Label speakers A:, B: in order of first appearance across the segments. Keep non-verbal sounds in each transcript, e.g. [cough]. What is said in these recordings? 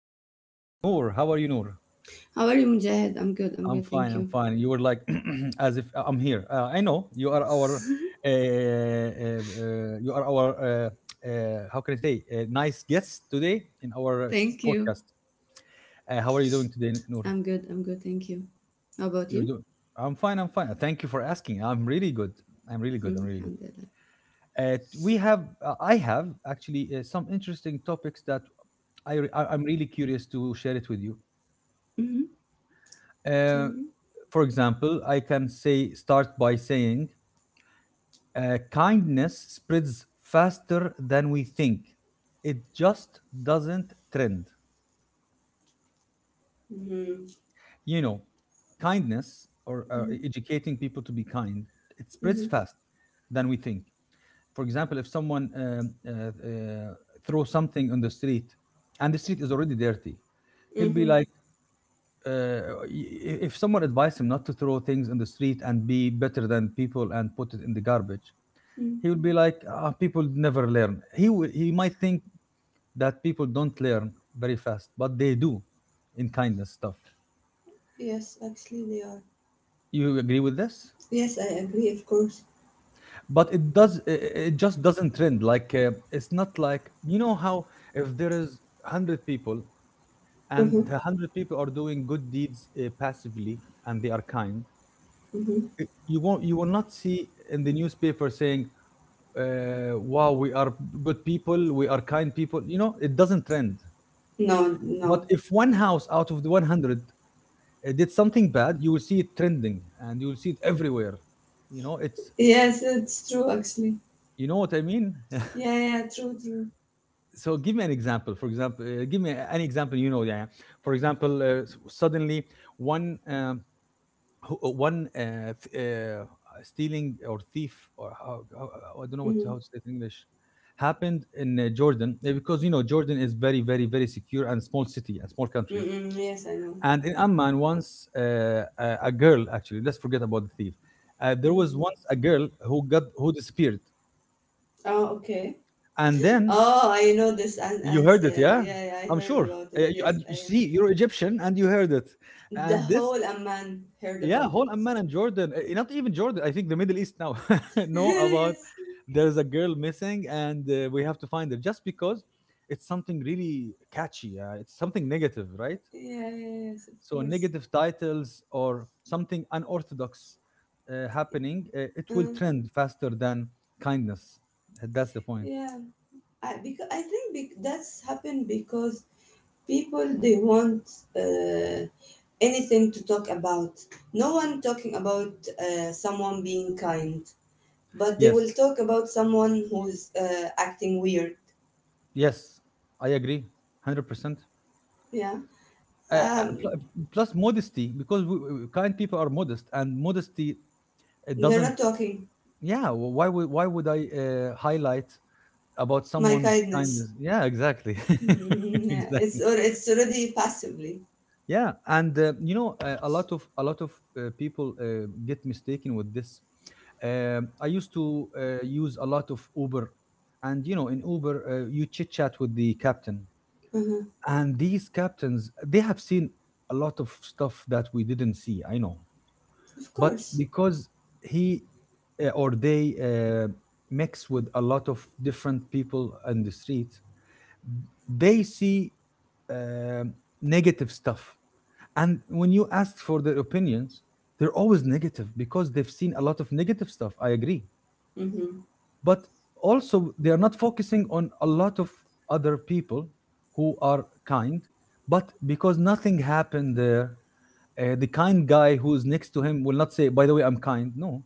A: Hey, we, Noor, how are you, Noor?
B: How are you, Mujahid? I'm good. I'm
A: I'm
B: good.
A: fine.
B: Thank
A: I'm
B: you.
A: fine. You were like [clears throat] as if I'm here. I know you are our, you are our. How can I say? Nice guest today in our
B: Thank you.
A: podcast. How are you doing today, Noor?
B: I'm good. I'm good. Thank you. How about
A: You're
B: you?
A: doing. I'm fine. I'm fine. Thank you for asking. I'm really good. I'm really
B: Mm,
A: good. I'm really good.
B: alhamdulillah.
A: I have actually some interesting topics that I'm really curious to share it with you.
B: Mm-hmm. Tell
A: Uh,
B: me.
A: for example, I can say start by saying kindness spreads faster than we think. It just doesn't trend.
B: Mm-hmm.
A: You know, kindness or
B: Mm-hmm.
A: educating people to be kind, it spreads
B: Mm-hmm.
A: fast than we think. For example, if someone throws something on the street and the street is already dirty, he'll be
B: Mm-hmm.
A: like uh, if someone advised him not to throw things in the street and be better than people and put it in the garbage,
B: Mm.
A: he would be like, ah, people never learn. He might think that people don't learn very fast, but they do in kindness stuff.
B: Yes, actually they are.
A: You agree with this?
B: Yes, I agree, of course.
A: But it does, it just doesn't trend. Like it's not like, you know how, if there is 100 people and
B: Mm-hmm.
A: the 100 people are doing good deeds, passively, and they are kind,
B: Mm-hmm.
A: eh, you won't, you will not see in the newspaper saying, wow, we are good people, we are kind people, you know? It doesn't trend.
B: No, no.
A: But if one house out of the 100 did something bad, you will see it trending and you will see it everywhere, you know it's
B: Yes, it's true, actually.
A: you know what I mean? [laughs]
B: Yeah, yeah, true, true.
A: So give me an example. For example, give me an example, you know? Yeah, for example, suddenly one who- one th- stealing or thief or how, I don't know what,
B: Mm-hmm.
A: how to say it in English, happened in Jordan, because you know Jordan is very very very secure and small city and small country.
B: Mm-hmm. Yes, I know.
A: And in Amman once, a girl actually, let's forget about the thief. There was
B: Mm-hmm.
A: once a girl who got, who disappeared,
B: Oh, okay.
A: and then
B: Oh, I know this and
A: you
B: and
A: heard it,
B: uh,
A: yeah,
B: yeah, yeah, I
A: I'm
B: heard
A: sure.
B: about it.
A: You,
B: Yes,
A: and you
B: I
A: see, you're Egyptian and you heard it.
B: The
A: And this.
B: whole Amman heard
A: Yeah,
B: about
A: whole
B: it.
A: Amman and Jordan. Not even Jordan. I think the Middle East now [laughs] know about
B: [laughs] Yes,
A: there's a girl missing, and we have to find her, just because it's something really catchy. It's something negative, right?
B: yeah, yeah, yes, of
A: So
B: course.
A: negative titles or something unorthodox happening, it
B: Uh,
A: will trend faster than kindness. That's the point.
B: yeah, I because I think, that's happened because people they want uh, anything to talk about. No one talking about someone being kind, but they will
A: Yes,
B: talk about someone who's acting weird.
A: yes, I agree, 100%.
B: Yeah,
A: Uh, uh,
B: um,
A: pl- Plus modesty, because kind people are modest, and modesty, it
B: they're
A: doesn't.
B: not talking
A: Yeah, why would I highlight about
B: my
A: someone's
B: kindness.
A: kindness? Yeah, exactly.
B: [laughs]
A: [laughs]
B: Yeah, it's
A: Exactly.
B: or it's already passively.
A: Yeah, and you know, a lot of people get mistaken with this. Um, I used to use a lot of Uber, and you know, in Uber, you chit chat with the captain,
B: Mhm.
A: and these captains, they have seen a lot of stuff that we didn't see. I know,
B: Of
A: but
B: course.
A: because he or they mix with a lot of different people on the street, they see uh, negative stuff. And when you ask for their opinions, they're always negative because they've seen a lot of negative stuff. I agree.
B: Mm-hmm.
A: But also, they are not focusing on a lot of other people who are kind. But because nothing happened there, the kind guy who's next to him will not say, "By the way, I'm kind." No,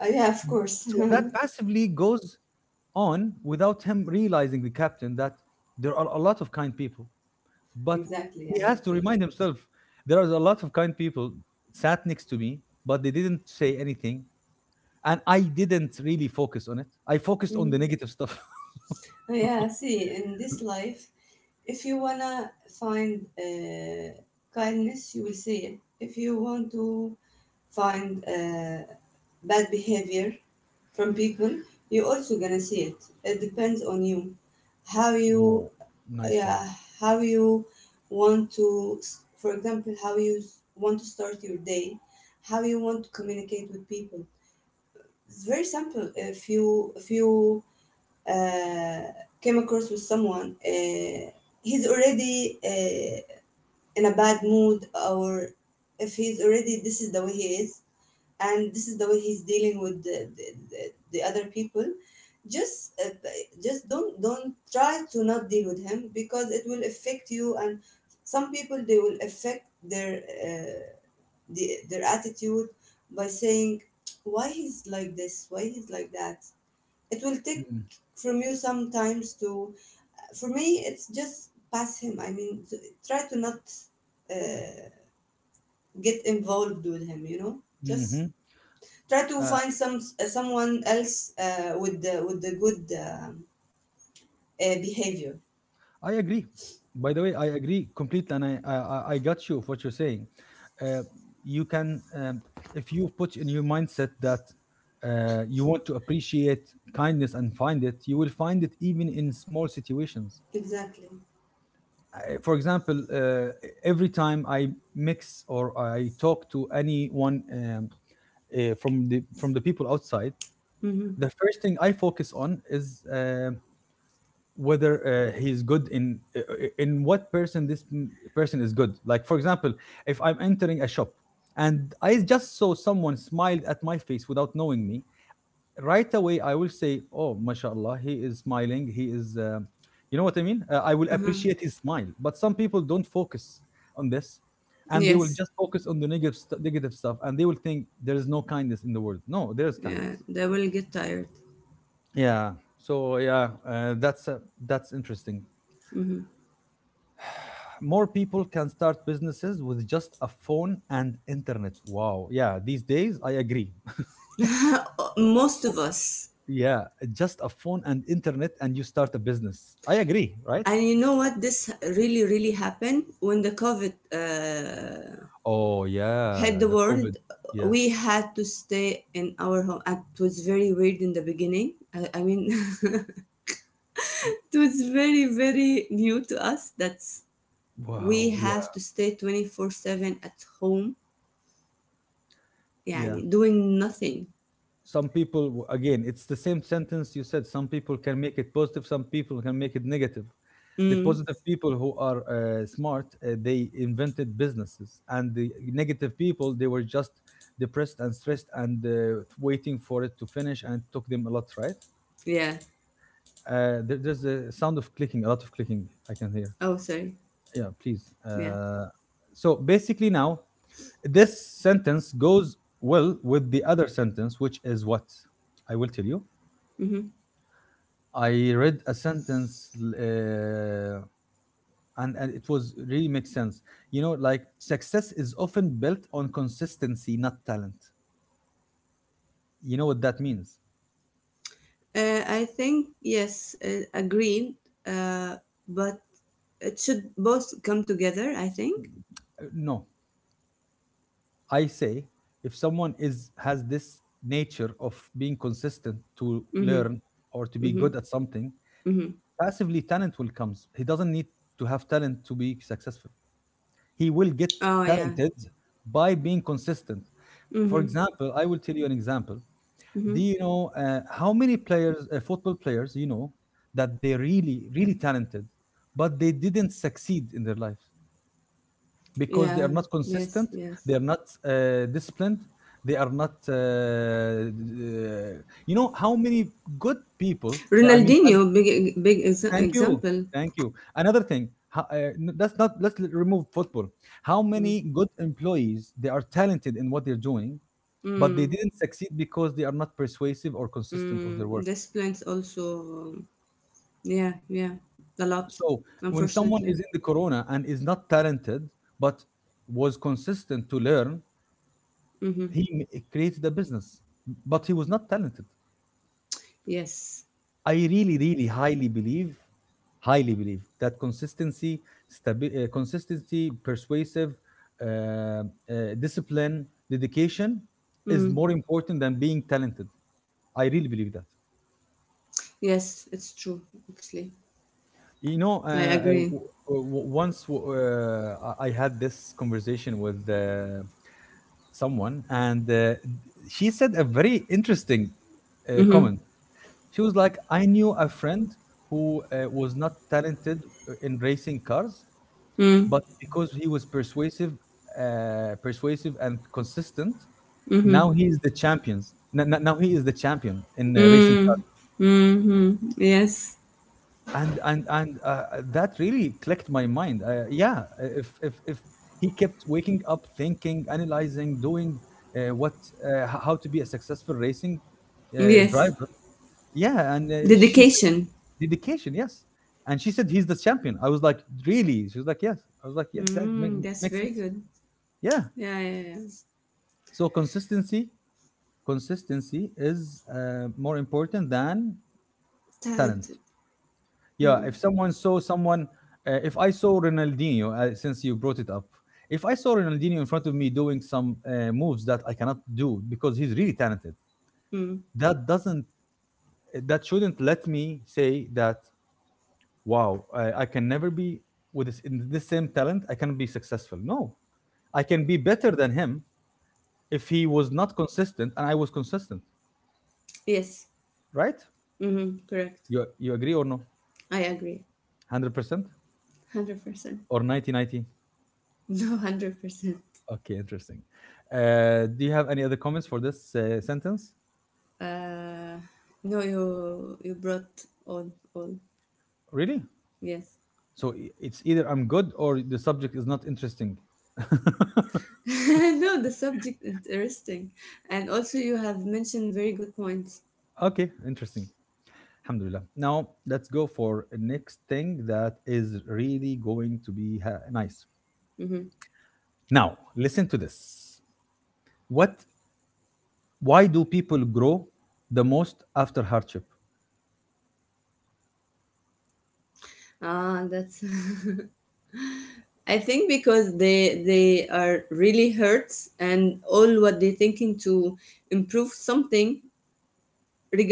B: Yeah, of course.
A: so that passively goes on without him realizing, the captain, that there are a lot of kind people.
B: [laughs]
A: But
B: Exactly, I
A: he has to
B: agree.
A: remind himself, there are a lot of kind people sat next to me, but they didn't say anything, and I didn't really focus on it. I focused on the
B: Mm-hmm.
A: negative stuff.
B: Oh,
A: [laughs]
B: yeah, see, in this life, if you wanna find kindness, you will see it. If you want to find bad behavior from people, you also gonna see it. It depends on you, how you,
A: Oh, nice one.
B: yeah, how you want to, for example, how you want to start your day, how you want to communicate with people. It's very simple. If you uh, came across with someone, he's already in a bad mood, or if he's already this is the way he is, and this is the way he's dealing with the other people. Just uh, just don't try to not deal with him because it will affect you. And some people they will affect their the, their attitude by saying why he's like this, why he's like that. It will take
A: Mm-hmm.
B: from you sometimes to, for me it's just pass him, I mean, try to not uh, get involved with him, you know, just
A: Mm-hmm.
B: try to
A: Uh,
B: find someone else with the good behavior.
A: I agree. By the way, I agree completely, and I got you of what you're saying. Uh, you can, if you put in your mindset that you want to appreciate kindness and find it, you will find it even in small situations.
B: Exactly.
A: I, for example, every time I mix or I talk to anyone, from the, from the people outside,
B: Mm-hmm.
A: the first thing I focus on is, um, whether he's good in what person, person is good. Like for example, if I'm entering a shop and I just saw someone smiled at my face without knowing me, right away I will say, oh, mashallah, he is smiling, he is you know what I mean? I will
B: Uh-huh.
A: appreciate his smile. But some people don't focus on this, and they will
B: Yes.
A: just focus on the negative negative stuff, and they will think there is no kindness in the world. No, there is kindness.
B: Yeah, they will get tired.
A: Yeah, so yeah, that's interesting.
B: Hmm.
A: More people can start businesses with just a phone and internet. Wow. Yeah, these days, I agree.
B: [laughs] Most of us.
A: [laughs] Yeah, just a phone and internet and you start a business. I agree, right?
B: And you know what? This really, really happened when the COVID
A: Oh,
B: hit
A: yeah,
B: the
A: the COVID.
B: world, we
A: Yes.
B: had to stay in our home. And it was very weird in the beginning. I mean, [laughs] it
A: W-
B: was very, very new to us that we
A: Wow.
B: have
A: Yeah.
B: to stay 24/7 at home, yeah,
A: Yeah.
B: doing nothing.
A: Some people, again, it's the same sentence you said, some people can make it positive, some people can make it negative. The
B: Mm,
A: positive people who are smart, they invented businesses, and the negative people, they were just depressed and stressed, and waiting for it to finish, and it took them a lot, right?
B: yeah.
A: There's a sound of clicking, a lot of clicking I can hear.
B: Oh, sorry.
A: Yeah, please.
B: Yeah.
A: So basically, now this sentence goes well with the other sentence, which is what I will tell you.
B: Hmm.
A: I read a sentence, and it was really makes sense. You know, like, success is often built on consistency, not talent. You know what that means?
B: I think, yes, agreed. Uh, but it should both come together, I think.
A: No, I say, if someone is, has this nature of being consistent to
B: Mm-hmm.
A: learn or to be
B: Mm-hmm.
A: good at something,
B: Mm-hmm.
A: passively talent will comes. He doesn't need to have talent to be successful. He will get
B: Oh, yeah.
A: talented by being consistent. For
B: Mm-hmm.
A: example, I will tell you an example. Do
B: Mm-hmm.
A: you know how many players football players you know that they really, really talented, but they didn't succeed in their life because they
B: Yeah,
A: are not
B: yes,
A: consistent, they
B: yes.
A: are not disciplined, they are not uh, you know how many good people. Yeah,
B: Ronaldinho, big big ex-
A: thank you,
B: example.
A: thank you. Another thing, that's not, remove football. How many
B: Mm,
A: good employees, they are talented in what they're doing, but they
B: mm,
A: didn't succeed because they are not persuasive or consistent of
B: mm.
A: their work.
B: This plants also, yeah, yeah, a lot,
A: So when someone
B: unfortunately.
A: is in the corona and is not talented, but was consistent to learn,
B: Mm-hmm.
A: created a business, but he was not talented.
B: Yes,
A: I really, really highly believe that consistency, consistency, persuasive, uh, uh, discipline, dedication is
B: mm.
A: more important than being talented. I really believe that.
B: Yes, it's true. Actually,
A: You know,
B: I agree.
A: once, I had this conversation with someone, and she said a very interesting
B: Mm-hmm.
A: comment. She was like, "I knew a friend who was not talented in racing cars,
B: Mm,
A: but because he was persuasive, persuasive and consistent,
B: mm-hmm.
A: now he is the champions. Now he is the champion in racing."
B: Mm, mm-hmm. Yes,
A: And that really clicked my mind. Yeah, if he kept waking up thinking, analyzing, doing uh, what how to be a successful racing
B: yes.
A: driver. Yeah. And she said
B: Dedication.
A: dedication. Yes. And she said he's the champion. I was like, really? She was like, yes. I was like, yeah, exactly.
B: Mm, that's
A: Makes
B: very
A: sense.
B: good.
A: Yeah.
B: Yeah, yeah, yeah.
A: So consistency, consistency is more important than talent.
B: Talented.
A: Yeah, if
B: Mm,
A: someone saw someone, if I saw Ronaldinho, since you brought it up, if I saw Ronaldinho in front of me doing some moves that I cannot do because he's really talented,
B: mm.
A: that doesn't, that shouldn't let me say that, wow, I can never be with this, in this same talent, I can be successful. No, I can be better than him if he was not consistent and I was consistent,
B: Yes.
A: right?
B: Mm-hmm, correct.
A: You agree or no?
B: I agree.
A: 100%
B: 100%. [laughs]
A: or 90?
B: No, 100%.
A: Okay, interesting. Do you have any other comments for this sentence?
B: Uh, no, you you brought on all.
A: Really?
B: Yes.
A: So it's either I'm good or the subject is not interesting. [laughs]
B: [laughs] No, the subject interesting. And also you have mentioned very good points.
A: Okay, interesting. Alhamdulillah. Now let's go for the next thing that is really going to be nice.
B: Mm-hmm.
A: Now, listen to this. What Why do people grow the most after hardship?
B: Ah, that's [laughs] I think because they are really hurt and all what they thinking to improve something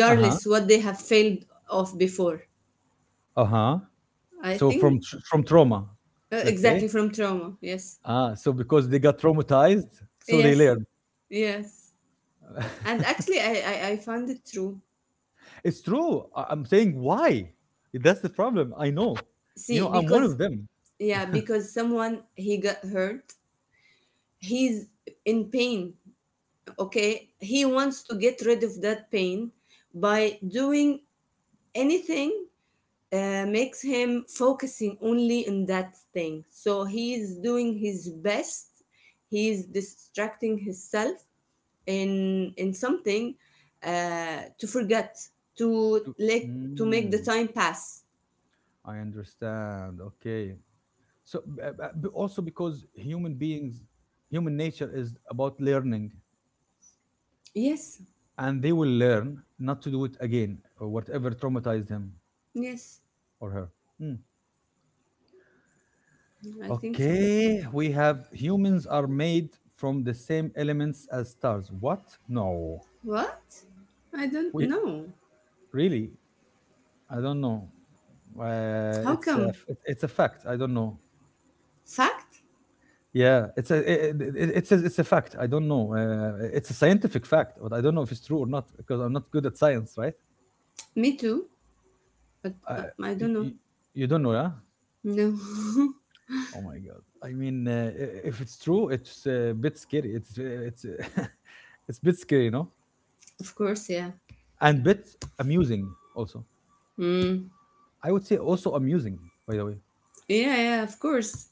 A: Uh-huh.
B: what they have failed of before.
A: Uh-huh.
B: I
A: So
B: think.
A: from trauma, let's say.
B: Exactly, from trauma. Yes.
A: Ah, so because they got traumatized, so they
B: Yes,
A: learn.
B: yes. And
A: [laughs]
B: actually, I found it true.
A: it's true. I'm saying why? That's the problem. I know. You know,
B: See,
A: I'm one
B: because,
A: of them.
B: yeah, because someone, he got hurt. He's in pain, okay? He wants to get rid of that pain by doing anything makes him focusing only on that thing. So he's doing his best. He's distracting himself in something to forget, to
A: To-
B: let, to make the
A: Mm,
B: time pass.
A: I understand. Okay. So also because human beings, human nature is about learning,
B: Yes.
A: and they will learn not to do it again or whatever traumatized him
B: Yes,
A: or her. Mm.
B: I think so.
A: Okay, we have humans are made from the same elements as stars. What? No.
B: What? I don't
A: We
B: know.
A: really I don't know.
B: How
A: It's
B: come?
A: it's a fact. I don't know.
B: Fact?
A: Yeah, it's a it, it, it- it's it's a fact. I don't know. It's a scientific fact, but I don't know if it's true or not because I'm not good at science, right?
B: Me too, but
A: Uh,
B: I
A: y-
B: don't know.
A: y- you don't know, yeah?
B: No.
A: Oh my god. I mean, if it's true, it's a bit scary. It's [laughs] it's a bit scary, you know,
B: [laughs] Of course, yeah.
A: and bit amusing also.
B: Mm.
A: I would say also amusing, by the way.
B: Yeah, yeah, of course.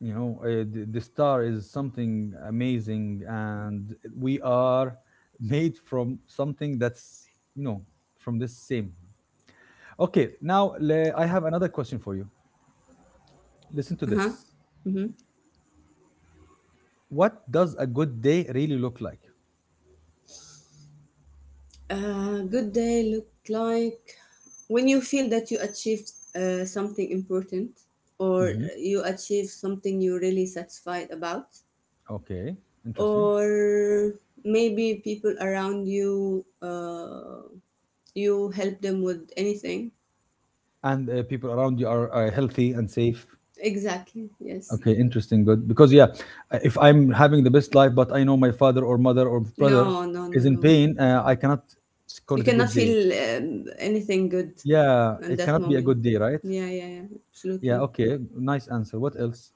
A: You know the star is something amazing and we are made from something that's you know from this same. Okay, now I have another question for you. Listen to
B: Uh-huh.
A: this.
B: Mm-hmm.
A: What does a good day really look like?
B: A good day looked like when you feel that you achieved something important, or
A: Hmm,
B: you achieve something you're really satisfied about,
A: okay, interesting.
B: or maybe people around you, you help them with anything.
A: And people around you are healthy and safe.
B: Exactly, yes.
A: Okay, interesting, good, because yeah, if I'm having the best life but I know my father or mother or brother
B: No, no, no,
A: is in
B: no.
A: pain, I cannot call
B: You
A: it a
B: cannot
A: good day.
B: feel anything good
A: Yeah,
B: in
A: it
B: that
A: cannot be a
B: moment.
A: good day, right?
B: Yeah, yeah, yeah,
A: Yeah,
B: absolutely.
A: okay. Nice answer. What else?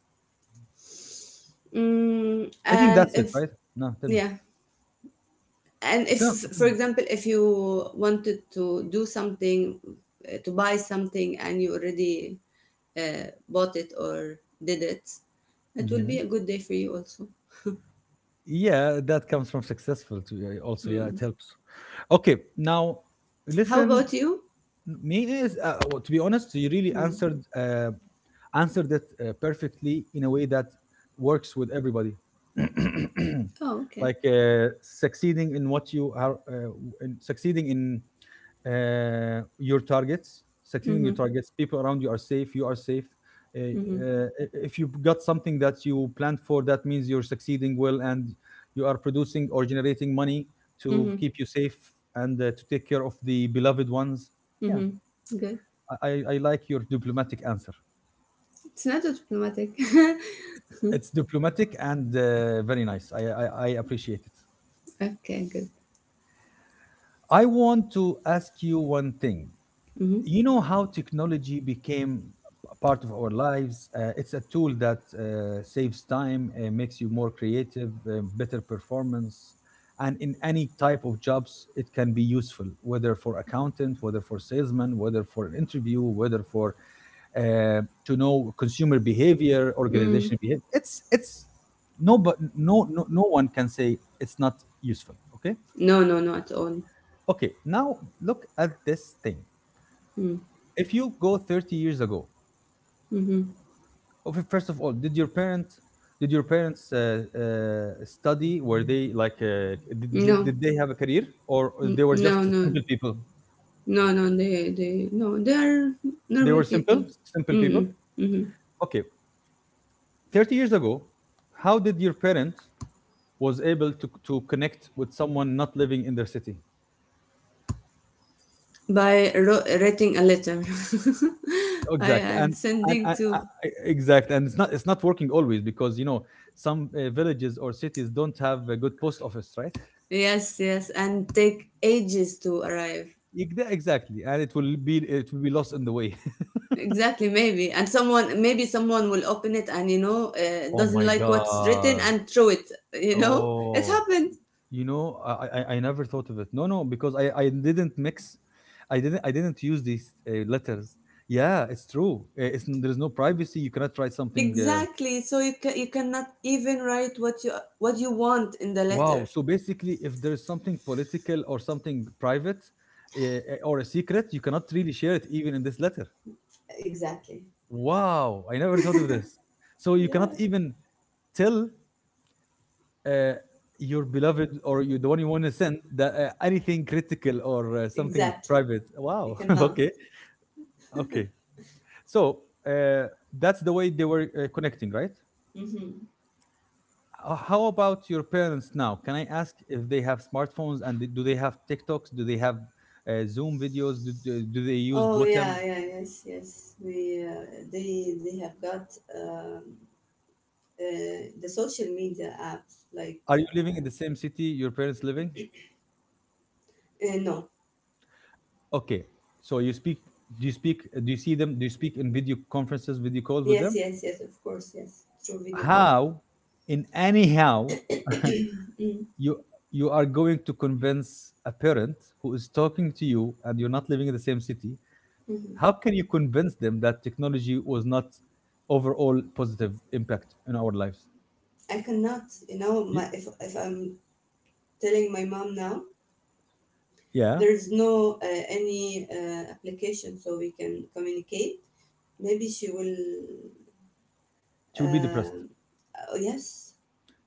B: Mm,
A: I think
B: and
A: that's it,
B: if,
A: right? No, tell me.
B: yeah, and if
A: Tell, tell
B: for
A: me.
B: example if you wanted to do something to buy something and you already bought it or did it, it will
A: Hmm.
B: be a good day for you also.
A: Yeah, that comes from successful to also. Yeah, it
B: Mm.
A: helps. Okay, now
B: How
A: listen.
B: about you?
A: Me is well, to be honest you really
B: Mm.
A: answered answered it perfectly in a way that works with everybody,
B: Oh,
A: [clears throat]
B: okay.
A: like succeeding in what you are succeeding in your targets, succeeding in your
B: Mm-hmm.
A: targets, people around you are safe, you are safe.
B: Mm-hmm.
A: If you got something that you planned for, that means you're succeeding well and you are producing or generating money to
B: Mm-hmm.
A: keep you safe and to take care of the beloved ones. Yeah,
B: Mm-hmm. Good.
A: I like your diplomatic answer.
B: It's not diplomatic. [laughs]
A: It's diplomatic and very nice. I appreciate it.
B: Okay, good.
A: I want to ask you one thing.
B: Mm-hmm.
A: You know how technology became a part of our lives? It's a tool that saves time, makes you more creative, better performance. And in any type of jobs, it can be useful, whether for accountant, whether for salesman, whether for an interview, whether for to know consumer behavior,
B: Mm.
A: organizational behavior. It's no, but no one can say it's not useful. Okay,
B: No, no, not at all.
A: okay. Now look at this thing.
B: Mm.
A: If you go 30 years ago,
B: Mm-hmm.
A: first of all, did your parents study? Were they like
B: No.
A: did they have a career or
B: Mm,
A: they were
B: no,
A: just
B: no.
A: simple people?
B: No, no, no, they are
A: They
B: normal
A: were
B: people.
A: simple, simple people.
B: Mm-mm, mm-hmm.
A: Okay, 30 years ago, how did your parents was able to connect with someone not living in their city?
B: By writing a letter, [laughs] I
A: Exactly,
B: and
A: and and,
B: sending
A: and, and
B: to.
A: exactly, and it's not working always because you know some villages or cities don't have a good post office, right?
B: Yes, yes, and take ages to arrive.
A: Exactly, and it will be lost in the way.
B: Exactly, maybe, and someone, maybe someone will open it and you know
A: [laughs] oh
B: doesn't
A: my
B: like what's written
A: god.
B: and throw it. You know, it
A: Oh,
B: happened.
A: you know I never thought of it. No, no, because I didn't mix I didn't I didn't use these letters. Yeah, it's true. It's there's no privacy. You cannot try something, uh.
B: Exactly. So you cannot even write what you want in the
A: Wow.
B: letter.
A: So basically, if there is something political or something private, or a secret, you cannot really share it even in this letter.
B: Exactly.
A: Wow. I never thought of this. So you
B: Yeah.
A: cannot even tell uh, your beloved or you, the one you want to send that, anything critical or something
B: Exactly.
A: private.
B: We
A: Wow. [laughs]
B: cannot.
A: okay. Okay. So, uh, that's the way they were connecting, right?
B: Now. Hmm.
A: How about your parents now? Can I ask if they have smartphones and do they have TikToks? Do they have Zoom videos? Do they use
B: Oh
A: Botem?
B: yeah, yeah, yes, yes. We they have got um, the social media apps like
A: Are you living in the same city your parents living?
B: no,
A: Okay. So you speak, do you see them? Do you speak in video conferences, video calls with
B: yes,
A: them?
B: yes, yes. Of course, yes. Through video call.
A: How, in anyhow,
B: [clears throat] Mm-hmm.
A: [laughs] you you are going to convince a parent who is talking to you and you're not living in the same city.
B: Mm-hmm.
A: How can you convince them that technology was not overall positive impact in our lives?
B: I cannot, you know,
A: Y-
B: my, if I'm telling my mom now,
A: Yeah,
B: there is no any application so we can communicate. Maybe she will.
A: she will be depressed
B: Um, oh yes.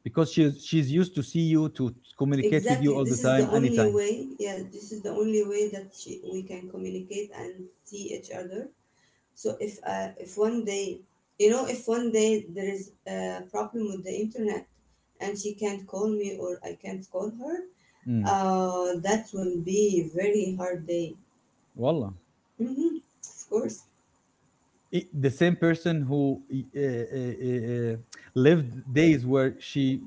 A: because she's used to see you, to communicate with you
B: Exactly.
A: all the
B: This is the
A: time,
B: only
A: anytime.
B: way. Yeah, this is the only way that she, we can communicate and see each other. So if one day, you know, if one day there is a problem with the internet and she can't call me or I can't call her,
A: Mm.
B: that will be a very hard day.
A: Wallah.
B: Hmm. Of course.
A: The same person who uh, uh, lived days where she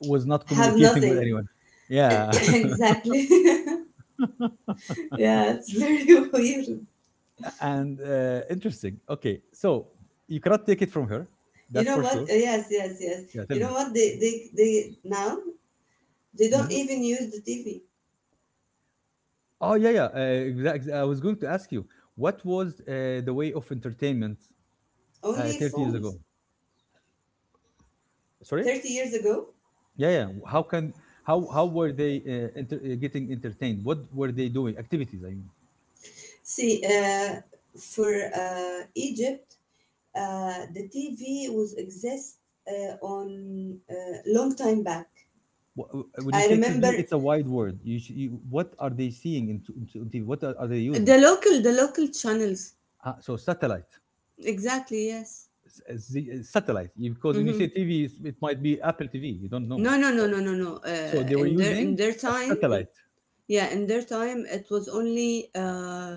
A: was not
B: Have
A: communicating with
B: nothing.
A: anyone.
B: [coughs] [clears throat]
A: Yeah. [laughs]
B: Exactly. [laughs] Yeah, it's very [laughs] weird.
A: A- and Interesting. Okay. So you cannot take it from her.
B: You
A: That's
B: know
A: for
B: what?
A: sure.
B: Yes, yes, yes.
A: Yeah. Tell
B: You know what? They now They don't
A: me.
B: even use the TV,
A: Oh yeah, yeah. Exactly. I was going to ask you what was the way of entertainment
B: only
A: 30 years
B: phones.
A: ago? Sorry?
B: 30 years ago,
A: Yeah, yeah. How were they getting entertained? What were they doing? Activities, I mean.
B: see, for Egypt, the TV was exist on long time back.
A: When you
B: I
A: say TV,
B: remember
A: it's a wide word. You, you, what are they into on TV? What are they using?
B: the local channels.
A: So satellite.
B: Exactly, yes.
A: Satellite. Because when you say
B: Mm-hmm.
A: TV, it might be Apple TV. You don't know.
B: No, no,
A: So,
B: no, no, no, no.
A: so
B: Uh,
A: they were
B: in their in
A: using
B: their
A: a
B: time, in,
A: satellite,
B: yeah, in their time, it was only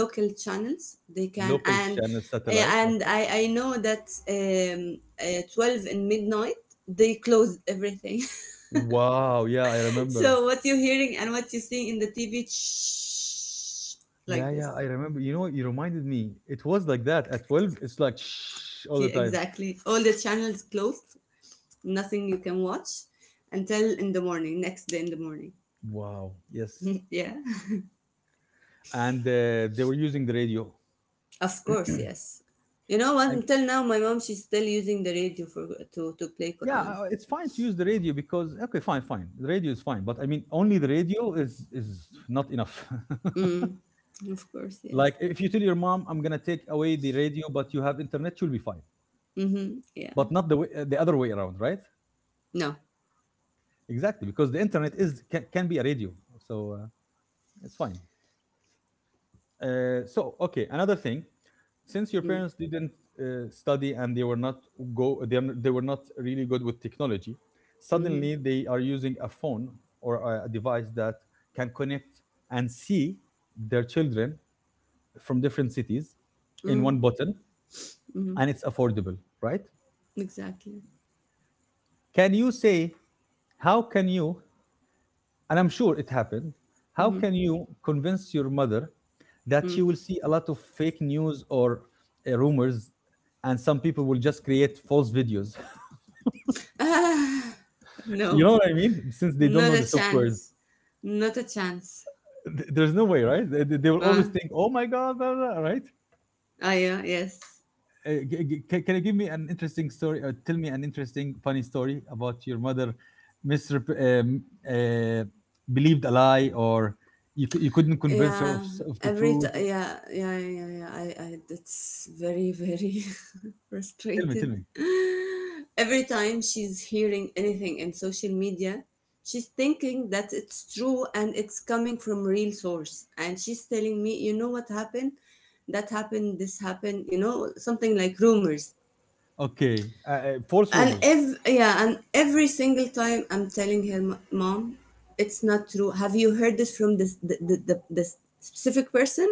B: local channels they can,
A: local
B: and
A: channel
B: eh,
A: satellite,
B: and
A: okay?
B: I know that 12 in midnight they close everything.
A: Wow, yeah, I
B: [laughs]
A: remember.
B: So what you're hearing and what you see in the TV, shh,
A: Yeah,
B: like this.
A: yeah, I remember. You know what? You reminded me. It was like that at 12. It's like shh all
B: See,
A: the time.
B: exactly. All the channels closed, nothing you can watch until in the morning, next day in the morning.
A: Wow, yes.
B: [laughs] Yeah,
A: And they were using the radio.
B: of course, yes. You know what?
A: I,
B: Until now, my mom she's still using the radio for to play
A: yeah,
B: Quran.
A: it's fine to use the radio because okay, fine, fine. The radio is fine, but I mean, only the radio is not enough.
B: Mm, of course,
A: [laughs]
B: yes.
A: like if you tell your mom, I'm gonna take away the radio, but you have internet, you'll be fine.
B: Mm-hmm, yeah.
A: But not the way, the other way around, right?
B: No.
A: Exactly, because the internet is can be a radio, so it's fine. So okay, another thing, since your
B: Mm,
A: parents didn't study and they were not go they, they were not really good with technology, suddenly
B: mm-hmm,
A: they are using a phone or a device that can connect and see their children from different cities in
B: mm,
A: one button,
B: mm-hmm,
A: and it's affordable, right?
B: exactly.
A: Can you say how can you, and I'm sure it happened, how
B: Mm-hmm,
A: can you convince your mother that you
B: mm.
A: will see a lot of fake news or rumors, and some people will just create false videos?
B: [laughs] Ah,
A: [laughs] you
B: no,
A: know what I mean? Since they don't
B: not
A: know
B: a
A: the
B: chance.
A: softwares,
B: Not a chance.
A: There's no way, right? They will
B: Uh,
A: always think, "Oh my god," blah, blah, right?
B: ah, yeah, yes.
A: Can you give me an interesting story? Or tell me an interesting, funny story about your mother, Mister, uh, believed a lie, or you, you couldn't convince her of,
B: Yeah,
A: of the truth. Or?
B: yeah, yeah, yeah, yeah. I, that's very, very [laughs]
A: Tell me, tell
B: frustrated.
A: me.
B: Every time she's hearing anything in social media, she's thinking that it's true and it's coming from real source. And she's telling me, you know what happened? That happened, this happened, you know, something like rumors.
A: Okay, false
B: And
A: rumors.
B: yeah, and every single time I'm telling her, Mom, it's not true. Have you heard this from this this specific person?"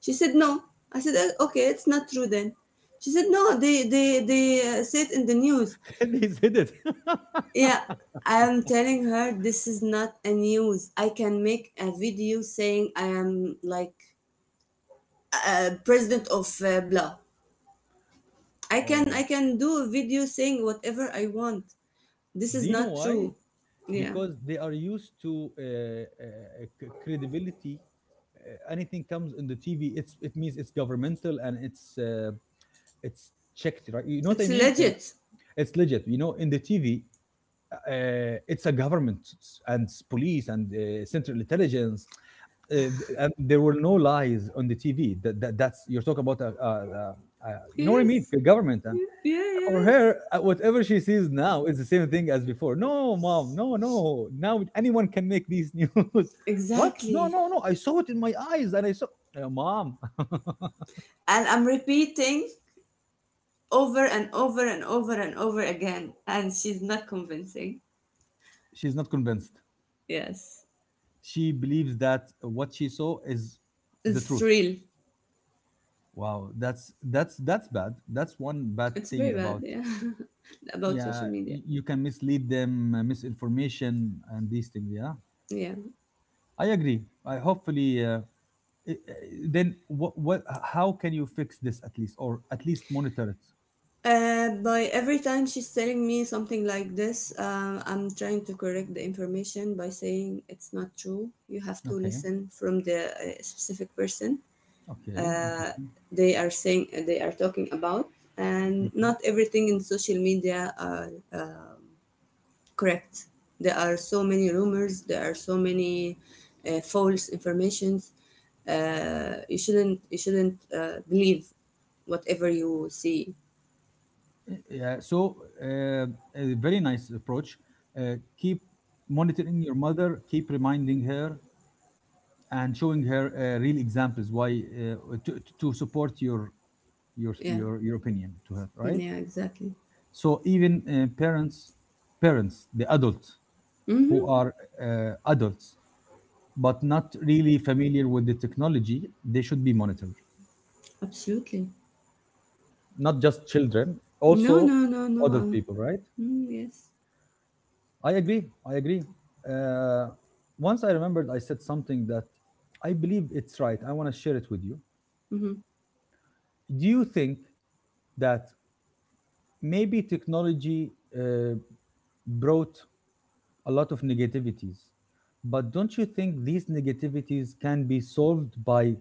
B: She said no. I said, "Oh, okay, it's not true then." She said, no, they say it in the news.
A: [laughs] they said it.
B: Yeah,
A: [laughs]
B: I am telling her, this is not a news. I can make a video saying I am like president of blah. i can i
A: oh,
B: can do a video saying whatever I want. This
A: do
B: is
A: you know
B: not
A: why?
B: true. Yeah.
A: Because they are used to credibility. Anything comes in the TV, it means it's governmental and it's checked, right? You know what I
B: It's
A: mean?
B: legit.
A: It's legit. You know, in the TV, it's a government police and central intelligence. And there were no lies on the TV. That's you're talking about a, you know what I mean?
B: Yes.
A: The government, and
B: Yeah,
A: for
B: yes.
A: her, whatever she sees now is the same thing as before. No, mom, no, no. Now anyone can make these news. [laughs] what? No,
B: Exactly.
A: no, no. I saw it in my eyes, and I saw. Mom.
B: And I'm repeating over and over and over and over again. And she's not convincing.
A: [laughs] she's not convinced.
B: Yes.
A: She believes that what she saw is the
B: It's
A: truth.
B: real.
A: Wow, that's bad. That's one bad
B: It's very
A: thing
B: bad,
A: about.
B: yeah. [laughs] About social
A: Yeah,
B: media.
A: you can mislead them, misinformation, and these things. Yeah,
B: Yeah.
A: I agree. I hopefully. Then what how can you fix this at least or at least monitor it?
B: By every time she's telling me something like this, I'm trying to correct the information by saying it's not true. You have to
A: Okay.
B: listen from the specific person.
A: Okay. Interesting.
B: They are saying they are talking about, and
A: Mhm.
B: not everything in social media are correct. There are so many rumors, there are so many false informations. Uh, you shouldn't believe whatever you see.
A: Yeah, a very nice approach. Keep monitoring your mother, keep reminding her and showing her real examples, why to support your your
B: Yeah.
A: your your opinion to her,
B: Mm,
A: right?
B: yeah, exactly.
A: So even parents parents, the adults who
B: Mm-hmm.
A: are adults but not really familiar with the technology, they should be monitored.
B: Absolutely.
A: Not just children,
B: no
A: also
B: no no no
A: adult
B: uh,
A: people, right?
B: Mm, yes.
A: I agree. I agree. Uh, Once I remembered, I said something that I believe it's right. I want to share it with you.
B: Mm-hmm.
A: Do you think that maybe technology uh, brought a lot of negativities, but don't you think these negativities can be solved by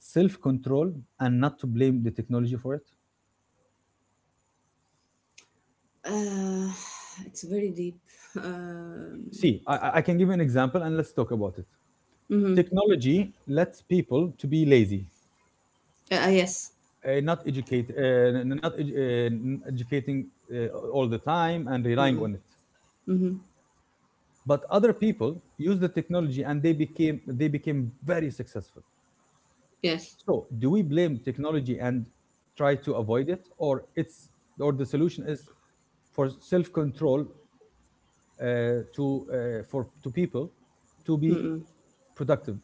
A: self control and not to blame the technology for it?
B: Uh, [sighs] it's very deep. Um,
A: See, I can give you an example and let's talk about it.
B: mm-hmm.
A: Technology lets people to be lazy,
B: Uh, yes.
A: not educate n- not edu- n- educating uh, all the time and relying on it.
B: Mm-hmm.
A: But other people use the technology and they became very successful.
B: Yes.
A: So do we blame technology and try to avoid it, or it's or the solution is for self control, to for to people to be
B: Mm.
A: productive?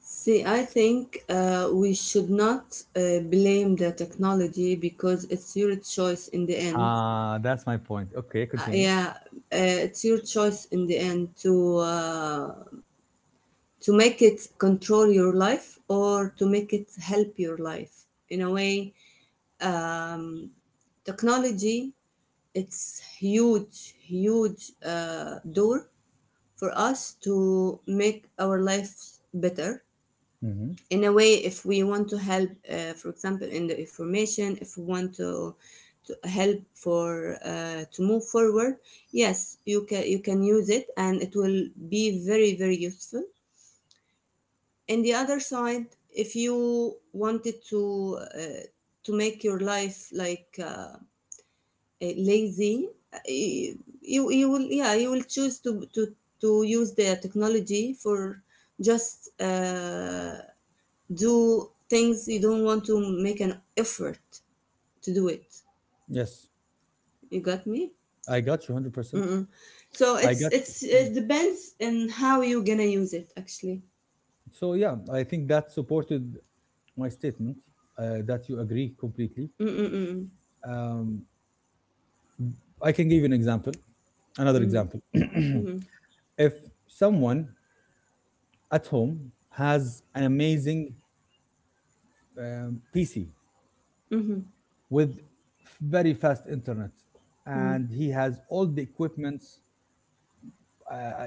B: See, I think we should not blame the technology because it's your choice in the end.
A: Ah, that's my point. Okay, continue.
B: Yeah, it's your choice in the end to make it control your life or to make it help your life in a way. Um, technology it's huge door for us to make our lives better
A: Mhm.
B: in a way. If we want to help for example in the information, if we want to help for to move forward, yes you can, you can use it and it will be very useful. In the other side, if you wanted to make your life like lazy, uh, you will, yeah, you will choose to to use the technology for just do things you don't want to make an effort to do it.
A: Yes,
B: You got me?
A: I got you 100%.
B: Mm-mm. So
A: I got
B: it's
A: you. Mm.
B: it depends on how you gonna use it actually.
A: So yeah, I think that supported my statement that you agree completely.
B: Mm-mm-mm.
A: Um, I can give you an example, another
B: Mm-hmm.
A: example.
B: Mm-hmm.
A: [clears throat] If someone at home has an amazing PC
B: Mm-hmm.
A: with very fast internet, and he has all the equipments uh,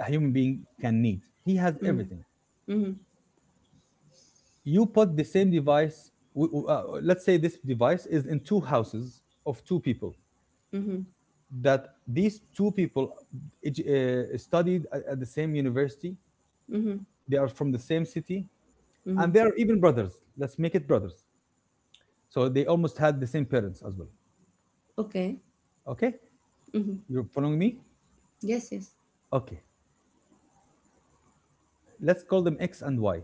A: a human being can need, he has everything.
B: Mm-hmm. Mm-hmm.
A: You put the same device, let's say this device is in two houses of two people,
B: Mm-hmm.
A: that these two people studied at the same university,
B: Mm-hmm.
A: they are from the same city, and
B: Mm-hmm.
A: they are even brothers, let's make it brothers. So they almost had the same parents as well.
B: Okay.
A: Okay,
B: Mm-hmm.
A: you're following me?
B: Yes. Yes.
A: Okay, let's call them X and Y.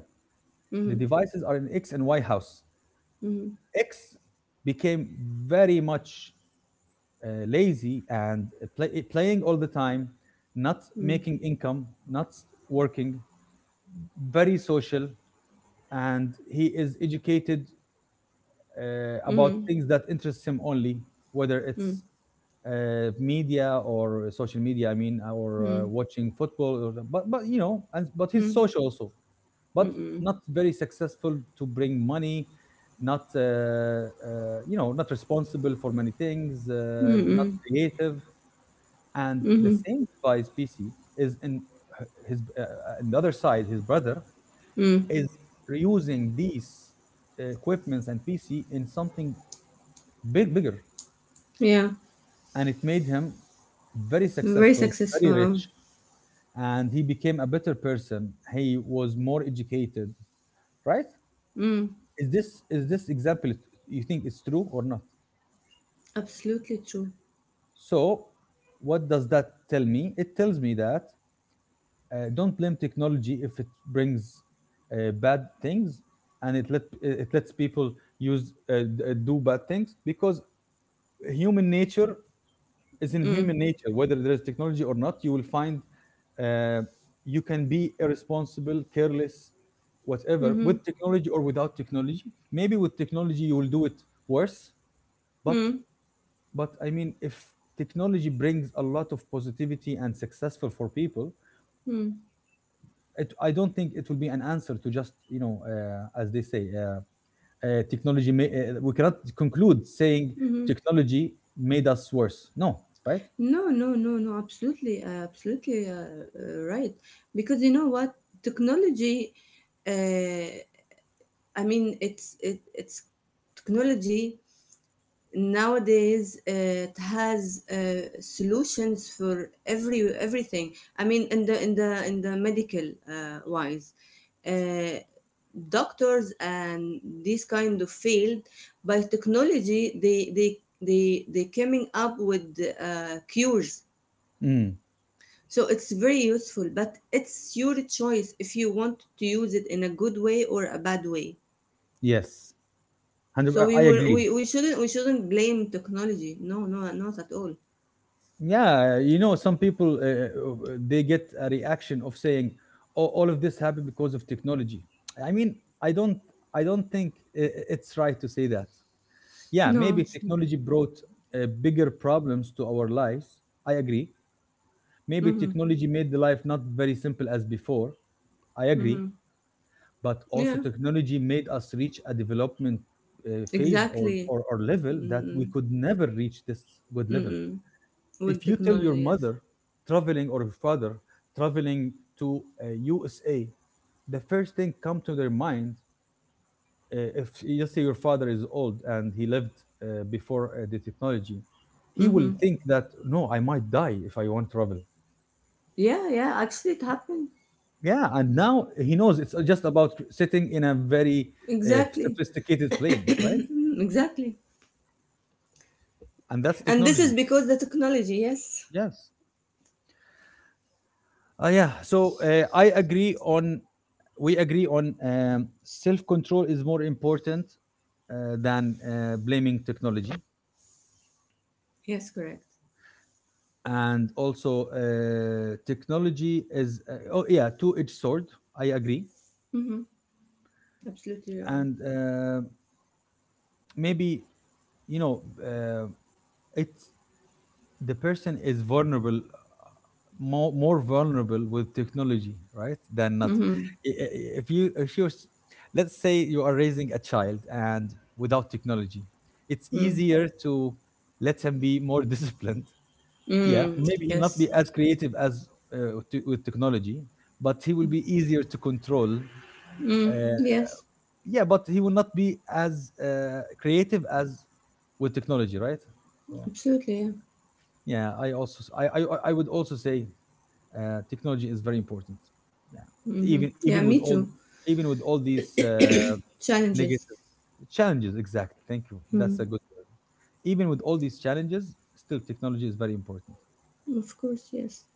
B: Mm-hmm.
A: The devices are in X and Y house.
B: Mm-hmm.
A: X became very much lazy and playing all the time, not making income, not working, very social, and he is educated about
B: Mm-hmm.
A: things that interests him only, whether
B: Mm-hmm.
A: it's media or social media. I mean, or watching football, or, but you know, and, but he's
B: Mm-hmm.
A: social also, but
B: Mm-hmm.
A: not very successful to bring money. Not you know, not responsible for many things, not
B: Mm-hmm.
A: creative. And the
B: Mm-hmm.
A: same device, PC, is in his another side, his brother,
B: Mm.
A: is reusing these equipments and PC in something bigger,
B: Yeah.
A: and it made him very
B: Very
A: successful, very
B: successful.
A: rich, and he became a better person, he was more educated, right?
B: Mm.
A: Is this example you think it's true or not?
B: Absolutely true.
A: So what does that tell me? It tells me that don't blame technology if it brings bad things and it lets people use, do bad things, because human nature is in
B: Mm.
A: human nature. Whether there is technology or not, you will find uh, you can be irresponsible, careless, whatever,
B: Mm-hmm.
A: with technology or without technology. Maybe with technology you will do it worse, but
B: Mm-hmm.
A: but I mean, if technology brings a lot of positivity and successful for people, it, I don't think it will be an answer to just, you know, as they say technology. We cannot conclude saying
B: Mm-hmm.
A: technology made us worse. No, right?
B: No, no, no, no, absolutely, absolutely, right. Because you know what, technology, uh, I mean, it's technology nowadays. Uh, it has solutions for everything. I mean, in the in the medical wise, uh, doctors and this kind of field, by technology they coming up with cures.
A: Mm,
B: So it's very useful, but it's your choice if you want to use it in a good way or a bad way.
A: yes, hundred.
B: So
A: I I agree.
B: we shouldn't, we shouldn't blame technology, no, no, not at all.
A: Yeah, you know, some people they get a reaction of saying, "Oh, all of this happened because of technology." I mean, I don't think it's right to say that. Yeah,
B: No,
A: maybe
B: it's not.
A: technology brought bigger problems to our lives. I agree. Maybe
B: Mhm,
A: technology made the life not very simple as before. I agree,
B: mhm.
A: but also
B: Yeah,
A: technology made us reach a development uh, phase or,
B: exactly.
A: or or level that we
B: Mm,
A: could never reach this good level.
B: mm-mm. With
A: If you tell your
B: technology, yes.
A: mother traveling or your father traveling to USA, the first thing come to their mind, if you say your father is old and he lived before the technology, he will
B: Mm-hmm.
A: think that no, I might die if I want to travel.
B: Yeah, yeah. Actually, it happened.
A: Yeah, and now he knows it's just about sitting in a very
B: Exactly.
A: sophisticated plane, right?
B: Mm, exactly.
A: And that's
B: And this
A: technology.
B: is because the technology. Yes.
A: Yes. Yeah. So I agree on, we agree on self control is more important than blaming technology.
B: Yes, correct.
A: And also, technology is, oh, yeah, two edged sword. I agree.
B: Mm-hmm. Absolutely right.
A: And maybe, you know, it's, the person is vulnerable, more vulnerable with technology, right, than not.
B: Mm-hmm.
A: If you, if you, let's say you are raising a child, and without technology it's
B: Mm.
A: easier to let him be more [laughs] disciplined. Yeah,
B: Mm.
A: maybe he'll not
B: Yes.
A: be as creative as with technology, but he will be easier to control. uh,
B: Mm. Yes.
A: yeah, but he will not be as creative as with technology, right? So
B: Absolutely. Yeah.
A: yeah, I also s- I would also say technology is very important. Yeah.
B: Mm-hmm.
A: even
B: Yeah.
A: even with
B: Me
A: all
B: too.
A: even with all these
B: Challenges.
A: negative challenges, exactly, thank you, that's
B: Mm.
A: a good, even with all these challenges, still technology is very important.
B: Of course. Yes.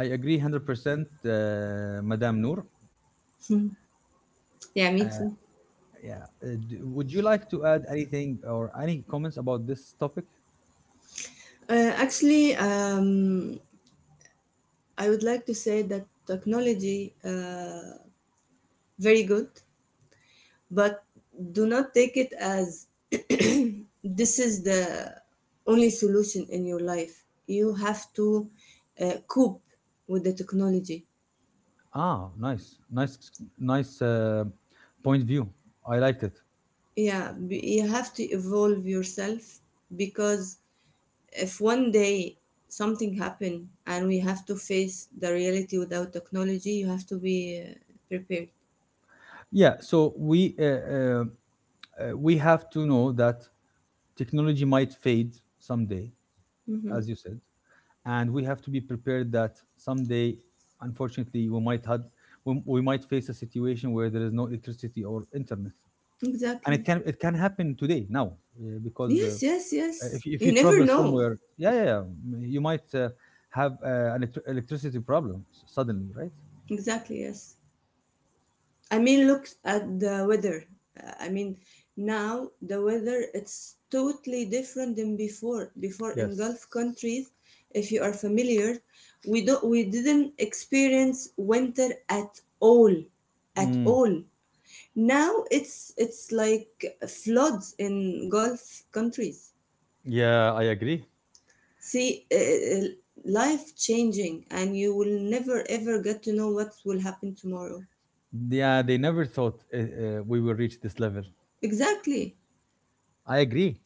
A: I agree 100% madame Noor.
B: Hmm. Yeah, me
A: uh,
B: too.
A: yeah. Would you like to add anything or any comments about this topic?
B: Actually, I would like to say that technology very good, but do not take it as [clears throat] this is the only solution in your life. You have to cope with the technology.
A: Ah, nice, nice, nice point view, I liked it.
B: Yeah, you have to evolve yourself, because if one day something happen and we have to face the reality without technology, you have to be prepared.
A: Yeah, so we have to know that technology might fade someday,
B: Hmm.
A: as you said, and we have to be prepared that someday, unfortunately, we might had we might face a situation where there is no electricity or internet, and it
B: Exactly.
A: can it can happen today now because
B: Yes, yes, yes.
A: if you
B: You never
A: travel
B: know.
A: somewhere, yeah, yeah, yeah, you might have an electricity problem suddenly, right?
B: Exactly, yes. I mean, look at the weather. I mean, now the weather, it's totally different than before. Before in
A: Yes.
B: Gulf countries, if you are familiar, we don't, we didn't experience winter at all, at
A: Mm.
B: all. Now it's like floods in Gulf countries.
A: Yeah, I agree.
B: See, life changing, and you will never ever get to know what will happen tomorrow.
A: Yeah, they never thought we will reach this level.
B: Exactly.
A: I agree.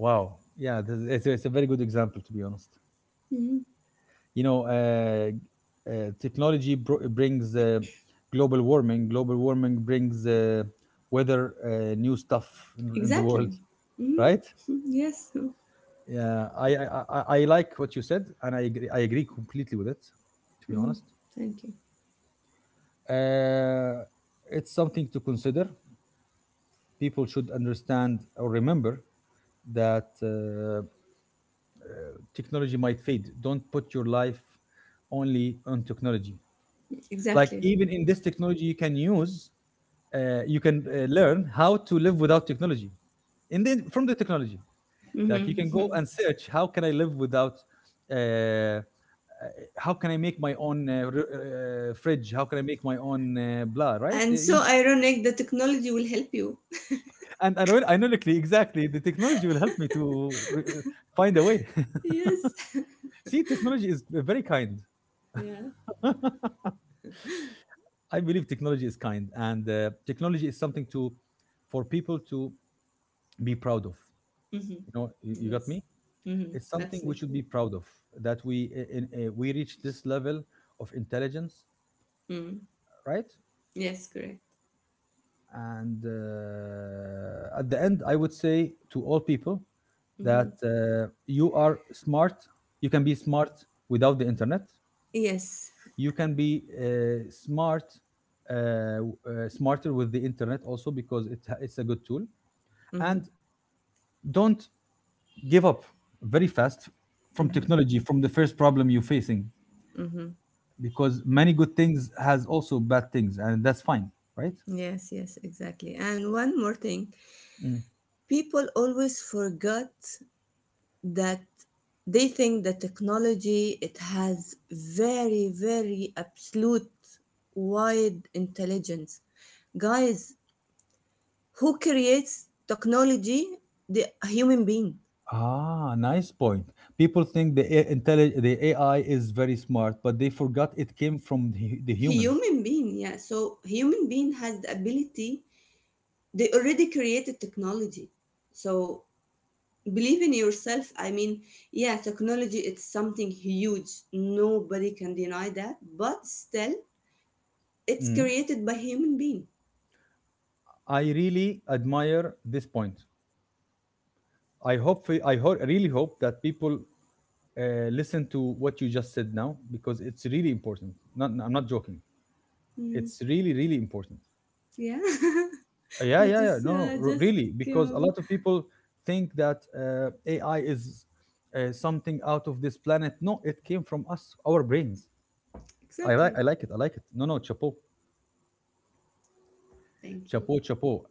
A: Wow. Yeah, it's a very good example, to be honest.
B: Mhm.
A: You know, technology brings global warming. Global warming brings weather, new stuff in the world,
B: Exactly.
A: [laughs]
B: Mhm.
A: right?
B: [laughs] Yes.
A: Yeah, I like what you said, and I agree completely with it. To be
B: Mhm.
A: honest,
B: Thank you.
A: uh, it's something to consider. People should understand or remember that uh, technology might fade. Don't put your life only on technology. Like
B: Exactly.
A: even in this technology you can use, you can learn how to live without technology, and then from the technology, like you can go and
B: Mhm. [laughs]
A: search, how can I live without uh, uh, how can I make my own fridge, how can I make my own blah, right? So
B: And
A: you-
B: so ironic, the technology will help you. [laughs]
A: and ironically, exactly, the technology will help me to find a way.
B: Yes. [laughs]
A: [laughs] See, technology is very kind.
B: Yeah.
A: I believe technology is kind, and technology is something to for people to be proud of.
B: Hmm.
A: You know, you got
B: Yes.
A: me?
B: Hmm.
A: It's something we should
B: Absolutely.
A: be proud of, that we we reach this level of intelligence,
B: Mm.
A: right?
B: Yes, correct.
A: And at the end, I would say to all people
B: Hmm.
A: that you are smart. You can be smart without the internet.
B: Yes.
A: You can be smart, smarter with the internet also, because it, it's a good tool.
B: Hmm.
A: And don't give up very fast from
B: Hmm.
A: technology from the first problem you're facing,
B: Hmm.
A: because many good things has also bad things, and that's fine, right?
B: Yes, yes, exactly. And one more thing.
A: Mm.
B: People always forget that they think that technology, it has very absolute wide intelligence. Guys, who creates technology? The human being.
A: Ah, nice point. People think the the AI is very smart, but they forgot it came from the, the humans.
B: Human being, yeah. So human being has the ability. They already created technology. So believe in yourself. I mean, yeah, technology, it's something huge, nobody can deny that, but still, it's
A: Mm.
B: created by human being.
A: I really admire this point. I hope I really hope that people listen to what you just said now, because it's really important. Not, I'm not joking,
B: Mm,
A: it's really really important.
B: yeah, [laughs]
A: Yeah
B: I
A: yeah yeah,
B: just
A: no no,
B: uh, just
A: really,
B: came
A: because a
B: up with.
A: lot of people think that AI is something out of this planet. No, it came from us, our brains. I like I
B: Exactly.
A: like it, I like it, no no, chapeau
B: Thank you.
A: chapeau chapeau.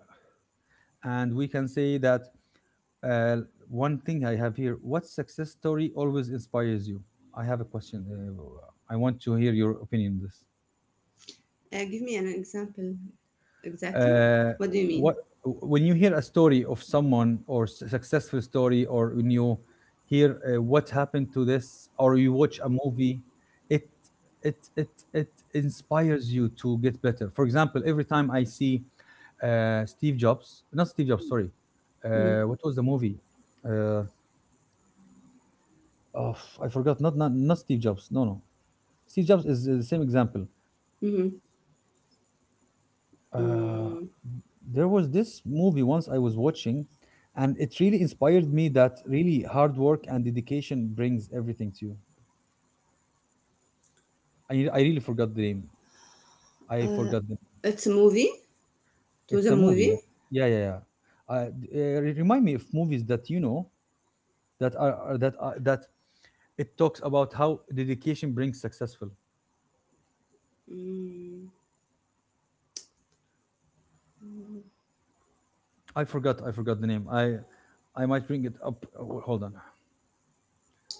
A: And we can say that uh, one thing I have here, what success story always inspires you? I have a question, I want to hear your opinion on this.
B: Give me an example. Exactly.
A: uh,
B: What do you mean?
A: what, when you hear a story of someone or successful story, or when you hear what happened to this, or you watch a movie, it it inspires you to get better. For example, every time I see steve jobs not Steve Jobs, sorry,
B: Mm,
A: what was the movie? uh, oh, I forgot, not Steve Jobs, no no, Steve Jobs is the same example.
B: mm-hmm.
A: Uh,
B: Mm,
A: there was this movie once I was watching, and it really inspired me that really hard work and dedication brings everything to you. I really forgot the name. I
B: uh,
A: forgot the name.
B: it's a movie. It was
A: It's
B: a
A: a
B: movie.
A: movie. Yeah, yeah, yeah, yeah. Remind me of movies that you know that are, that it talks about how dedication brings successful.
B: Mm,
A: I forgot. I forgot the name. I might bring it up. Hold on.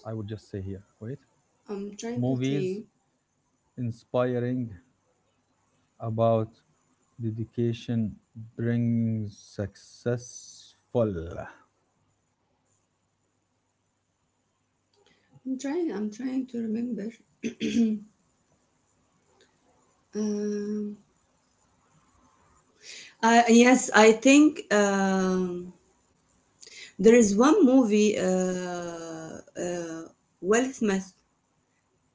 A: I will just say here. Wait.
B: I'm trying to
A: Movies
B: think.
A: inspiring about dedication brings successful.
B: I'm trying. I'm trying to remember. Um, I, yes, I think there is one movie. Will Smith.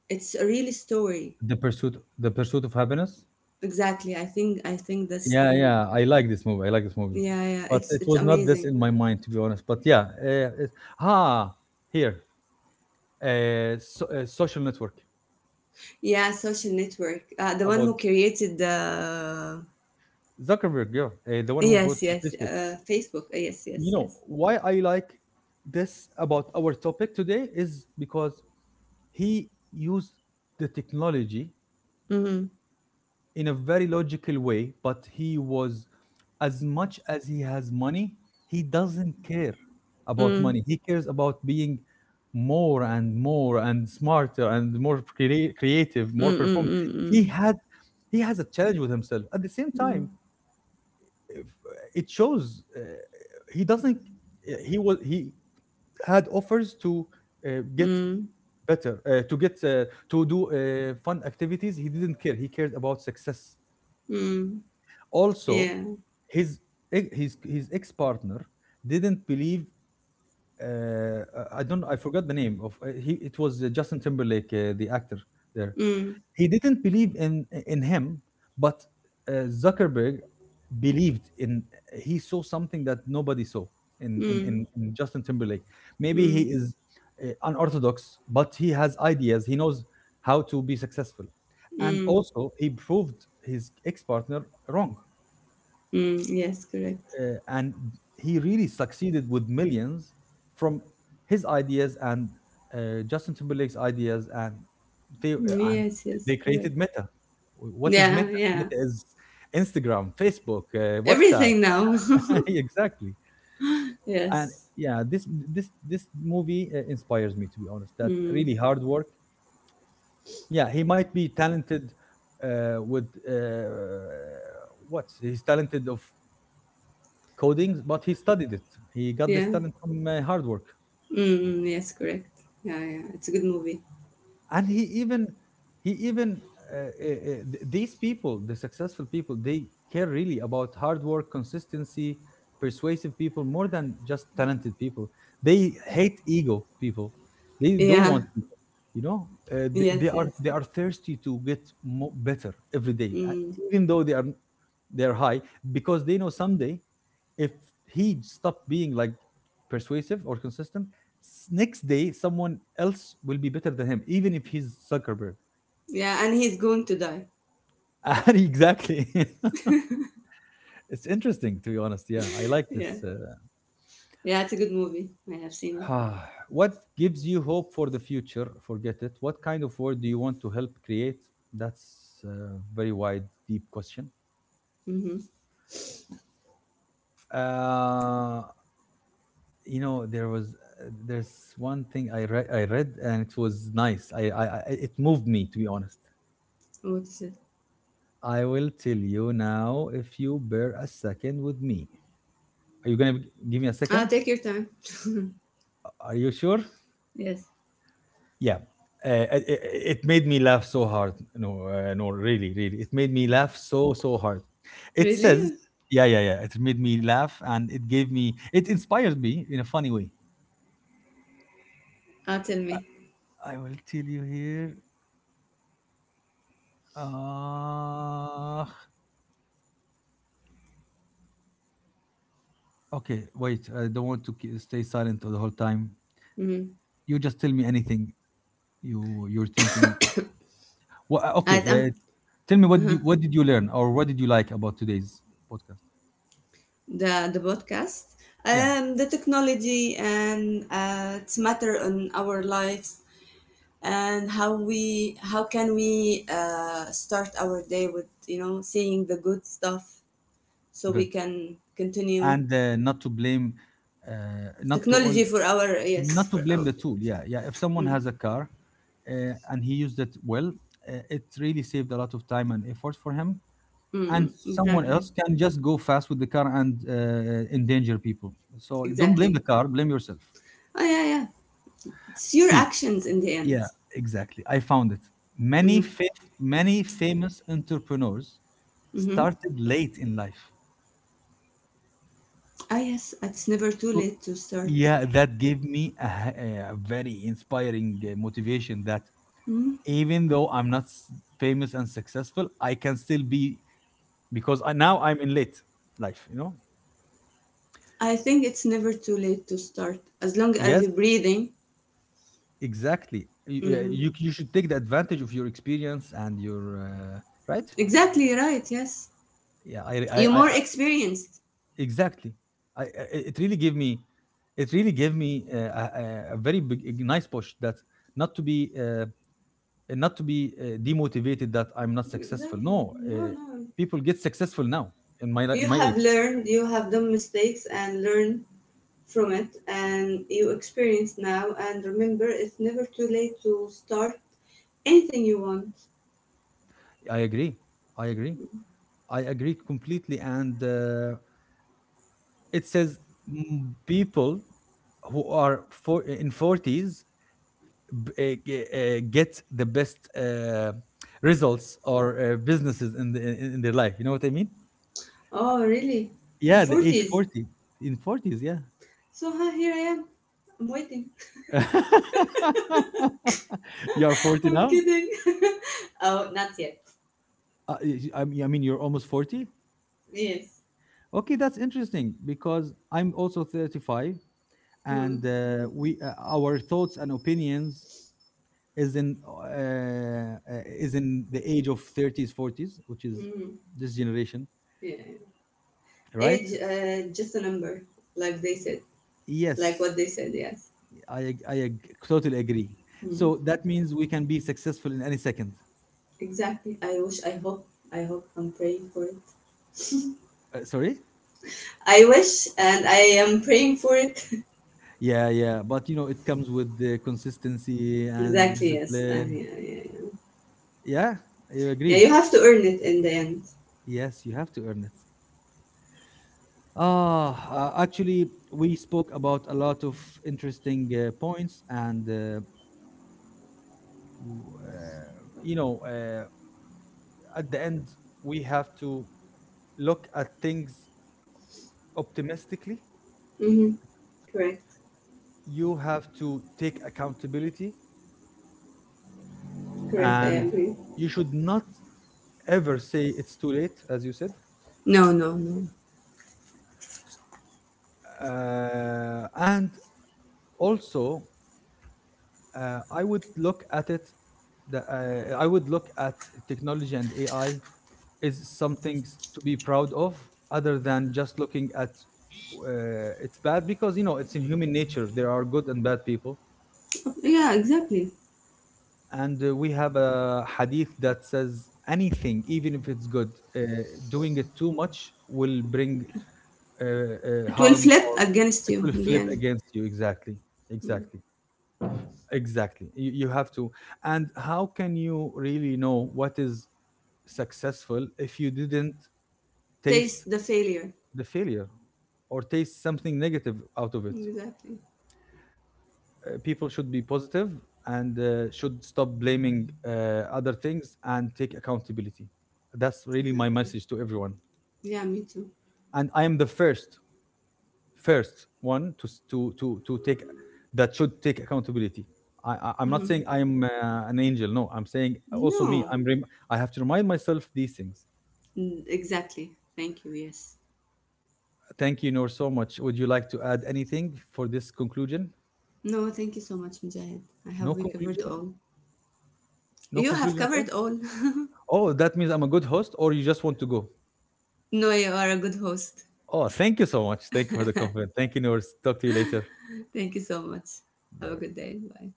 B: It's a real story.
A: The pursuit of happiness.
B: Exactly, I think that's the
A: Yeah,
B: mo-.
A: yeah, I like this movie. I like this movie,
B: Yeah, yeah,
A: but
B: it's
A: it
B: it's
A: was not this
B: amazing.
A: in my mind to be honest. But yeah, it, ah, here, so, social network
B: Yeah, social network, the one who
A: about
B: created the.
A: Zuckerberg, yeah, the one who
B: Yes,
A: brought
B: yes,
A: Facebook.
B: Facebook. Yes, yes,
A: You know
B: yes.
A: why I like this about our topic today is because he used the technology
B: Mm-hmm.
A: in a very logical way, but he was as much as he has money, he doesn't care about
B: Mm.
A: money. He cares about being more and more and smarter and more creative,
B: Mm.
A: more perform. He
B: Mm.
A: had he has a challenge with himself. At the same
B: Mm.
A: time, if- it shows he doesn't. He had offers to uh, get
B: Mm.
A: better, to get to do fun activities. He didn't care. He cared about success.
B: Mm. Mm. Mm.
A: Also,
B: Yeah.
A: his his ex partner didn't believe. Uh, I don't. I forgot the name of. He it was Justin Timberlake, the actor there.
B: Mm.
A: He didn't believe in him, but Zuckerberg believed in. He saw something that nobody saw in in
B: Mm.
A: in, in Justin Timberlake. Maybe he
B: Mm.
A: is unorthodox, but he has ideas. He knows how to be successful, and
B: Mm.
A: also he proved his ex partner wrong,
B: Mm. Yes, correct.
A: and he really succeeded with millions from his ideas and Justin Timberlake's ideas, and they uh, and
B: Yes, yes,
A: they
B: correct.
A: created Meta. What is
B: Yeah,
A: Meta?
B: yeah.
A: Meta is Instagram, Facebook, WhatsApp.
B: Everything now. [laughs]
A: [laughs] Exactly. And
B: Yes.
A: yeah, this movie inspires me to be honest. That
B: Mm.
A: really hard work. Yeah, he might be talented with what he's talented of coding, but he studied it. He got
B: Yeah.
A: this talent from hard work,
B: Mm, mm, yes, correct. Yeah, yeah, it's a good movie.
A: and he even these people, the successful people, they care really about hard work, consistency, persuasive people more than just talented people. They hate ego people. They don't
B: Yeah,
A: want
B: yes, yes.
A: they are thirsty to get better every day.
B: Mm,
A: Even though they are high because they know someday if he stopped being like persuasive or consistent, next day someone else will be better than him even if he's Zuckerberg.
B: yeah, and he's going to die.
A: [laughs] And exactly. [laughs] It's interesting to be honest. Yeah, I like
B: Yeah,
A: this.
B: yeah, it's a good movie. I have seen it.
A: [sighs] What gives you hope for the future? Forget it. What kind of world do you want to help create? That's a very wide, deep question.
B: Mm-hmm.
A: Uh, you know, there's one thing I read and it was nice. I It moved me to be honest.
B: What is it?
A: I will tell you now if you bear a second with me. Are you gonna b- Give me a
B: Ah,
A: second?
B: take your time.
A: Are you sure?
B: Yes.
A: Yeah. Uh, it, it it made me laugh so hard. No, no, really, really. It made me laugh so, so hard. It says,
B: Really?
A: yeah, yeah, yeah. It made me laugh and it gave me, it inspired me in a funny way.
B: Ah, tell
A: I
B: me.
A: I will tell you here. Uh, okay, wait. I don't want to stay silent the whole time.
B: Mm-hmm.
A: You just tell me anything you're thinking. What? Okay.
B: I,
A: Uh,
B: I'm.
A: tell me what did
B: Uh-huh.
A: you what did you learn or what did you like about today's podcast?
B: The podcast.
A: Yeah,
B: The technology and its matter on our lives, and how we, how can we start our day with, you know, seeing the good stuff so we
A: good.
B: can continue.
A: And not to blame, uh, not to
B: Technology
A: only
B: for our, yes,
A: not to
B: for
A: blame
B: our.
A: the tool. Yeah, yeah. If someone has a car, and he used it well, it really saved a lot of time and effort for him. And
B: Mm,
A: someone
B: exactly.
A: else can just go fast with the car and endanger people. So don't blame
B: Exactly.
A: the car, blame yourself.
B: Oh yeah, yeah. It's your
A: See,
B: actions in the end.
A: yeah, exactly. I found it.
B: Mm-hmm.
A: Many famous entrepreneurs
B: Mm-hmm.
A: started late in life.
B: Ah yes, it's never too
A: So
B: late to start.
A: yeah, that gave me a very inspiring motivation that even though I'm not famous and successful, I can still be because now I'm in late life, you know?
B: I think it's never too late to start as long as
A: Yes,
B: you're breathing.
A: exactly.
B: Yeah,
A: You you should take the advantage of your experience and your right.
B: exactly, right, yes.
A: Yeah,
B: You're more
A: I
B: experienced.
A: Exactly. I It really gave me, it really gave me a very big, a nice push that not to be not to be demotivated that I'm not successful.
B: Exactly.
A: No,
B: No, no.
A: people get successful now in
B: You
A: my
B: have
A: age.
B: learned, you have done mistakes and learned from it, and you experience now, and remember, it's never too late to start anything you want.
A: I agree. I agree. I agree completely. And it says mm, people who are in forties get the best results or businesses in their life. You know what I mean?
B: Oh really? In
A: Yeah, the age
B: 40s.
A: 40, in 40s, yeah.
B: So huh, here I am, I'm waiting.
A: [laughs] You are
B: [laughs]
A: 40
B: I'm
A: now?
B: kidding. [laughs] Oh, not yet.
A: I mean you're almost 40?
B: Yes.
A: Okay, that's interesting because I'm also 35,
B: Hmm.
A: and
B: Good.
A: we our thoughts and opinions is in the age of 30s 40s, which is
B: Hmm.
A: this generation,
B: Yeah,
A: right?
B: age, just a number, like they said. Like
A: Yes,
B: what they said, yes.
A: totally agree. So
B: Hmm.
A: that means we can be successful in any second.
B: Exactly, I wish, I hope, I hope, I'm praying for it.
A: Sorry?
B: I wish and I am praying for it.
A: Yeah, yeah, but you know it comes with the consistency and
B: Exactly, yes.
A: discipline.
B: Yeah, yeah, yeah.
A: Yeah, you
B: Yeah, you
A: agree.
B: have to earn it in the end.
A: Yes, you have to earn it. Ah, actually, we spoke about a lot of interesting points, and w- uh, you know, at the end, we have to look at things optimistically.
B: Mm-hmm. Correct.
A: You have to take accountability
B: Correct, I
A: and
B: agree.
A: you should not ever say it's too late as you said,
B: No, no, no.
A: and also uh, i would look at it I would look at technology and AI is something to be proud of other than just looking at it's bad because you know it's in human nature, there are good and bad people.
B: Yeah, exactly.
A: And we have a hadith that says anything even if it's good, uh, doing it too much will bring
B: It will
A: harm,
B: flip
A: or
B: against
A: it
B: you
A: will
B: in the
A: flip
B: end.
A: against you exactly.
B: Mm.
A: Exactly, exactly. You have to, and how can you really know what is successful if you didn't taste
B: Taste the failure.
A: the failure or taste something negative out of it?
B: Exactly.
A: People should be positive and should stop blaming other things and take accountability. That's really my
B: Exactly.
A: message to everyone,
B: Yeah, me too.
A: and I am the first one to s- to take, that should take accountability. I'm not saying I'm an angel. No, I'm saying also me.
B: No.
A: I have to remind myself these things.
B: Mm, exactly. Thank you, yes.
A: Thank you, Noor, so much. Would you like to add anything for this conclusion?
B: No, thank you so much, Mujahid. I
A: No
B: have, we covered
A: conclusion.
B: all.
A: No
B: You have
A: conclusion at all.
B: covered all. [laughs]
A: Oh, that means I'm a good host, or you just want to go.
B: No, you are a good host.
A: Oh, thank you so much. Thank you for the compliment. Thank you, Noor. Talk to you later.
B: Thank you so much.
A: Bye
B: Have a
A: bye.
B: good day. Bye.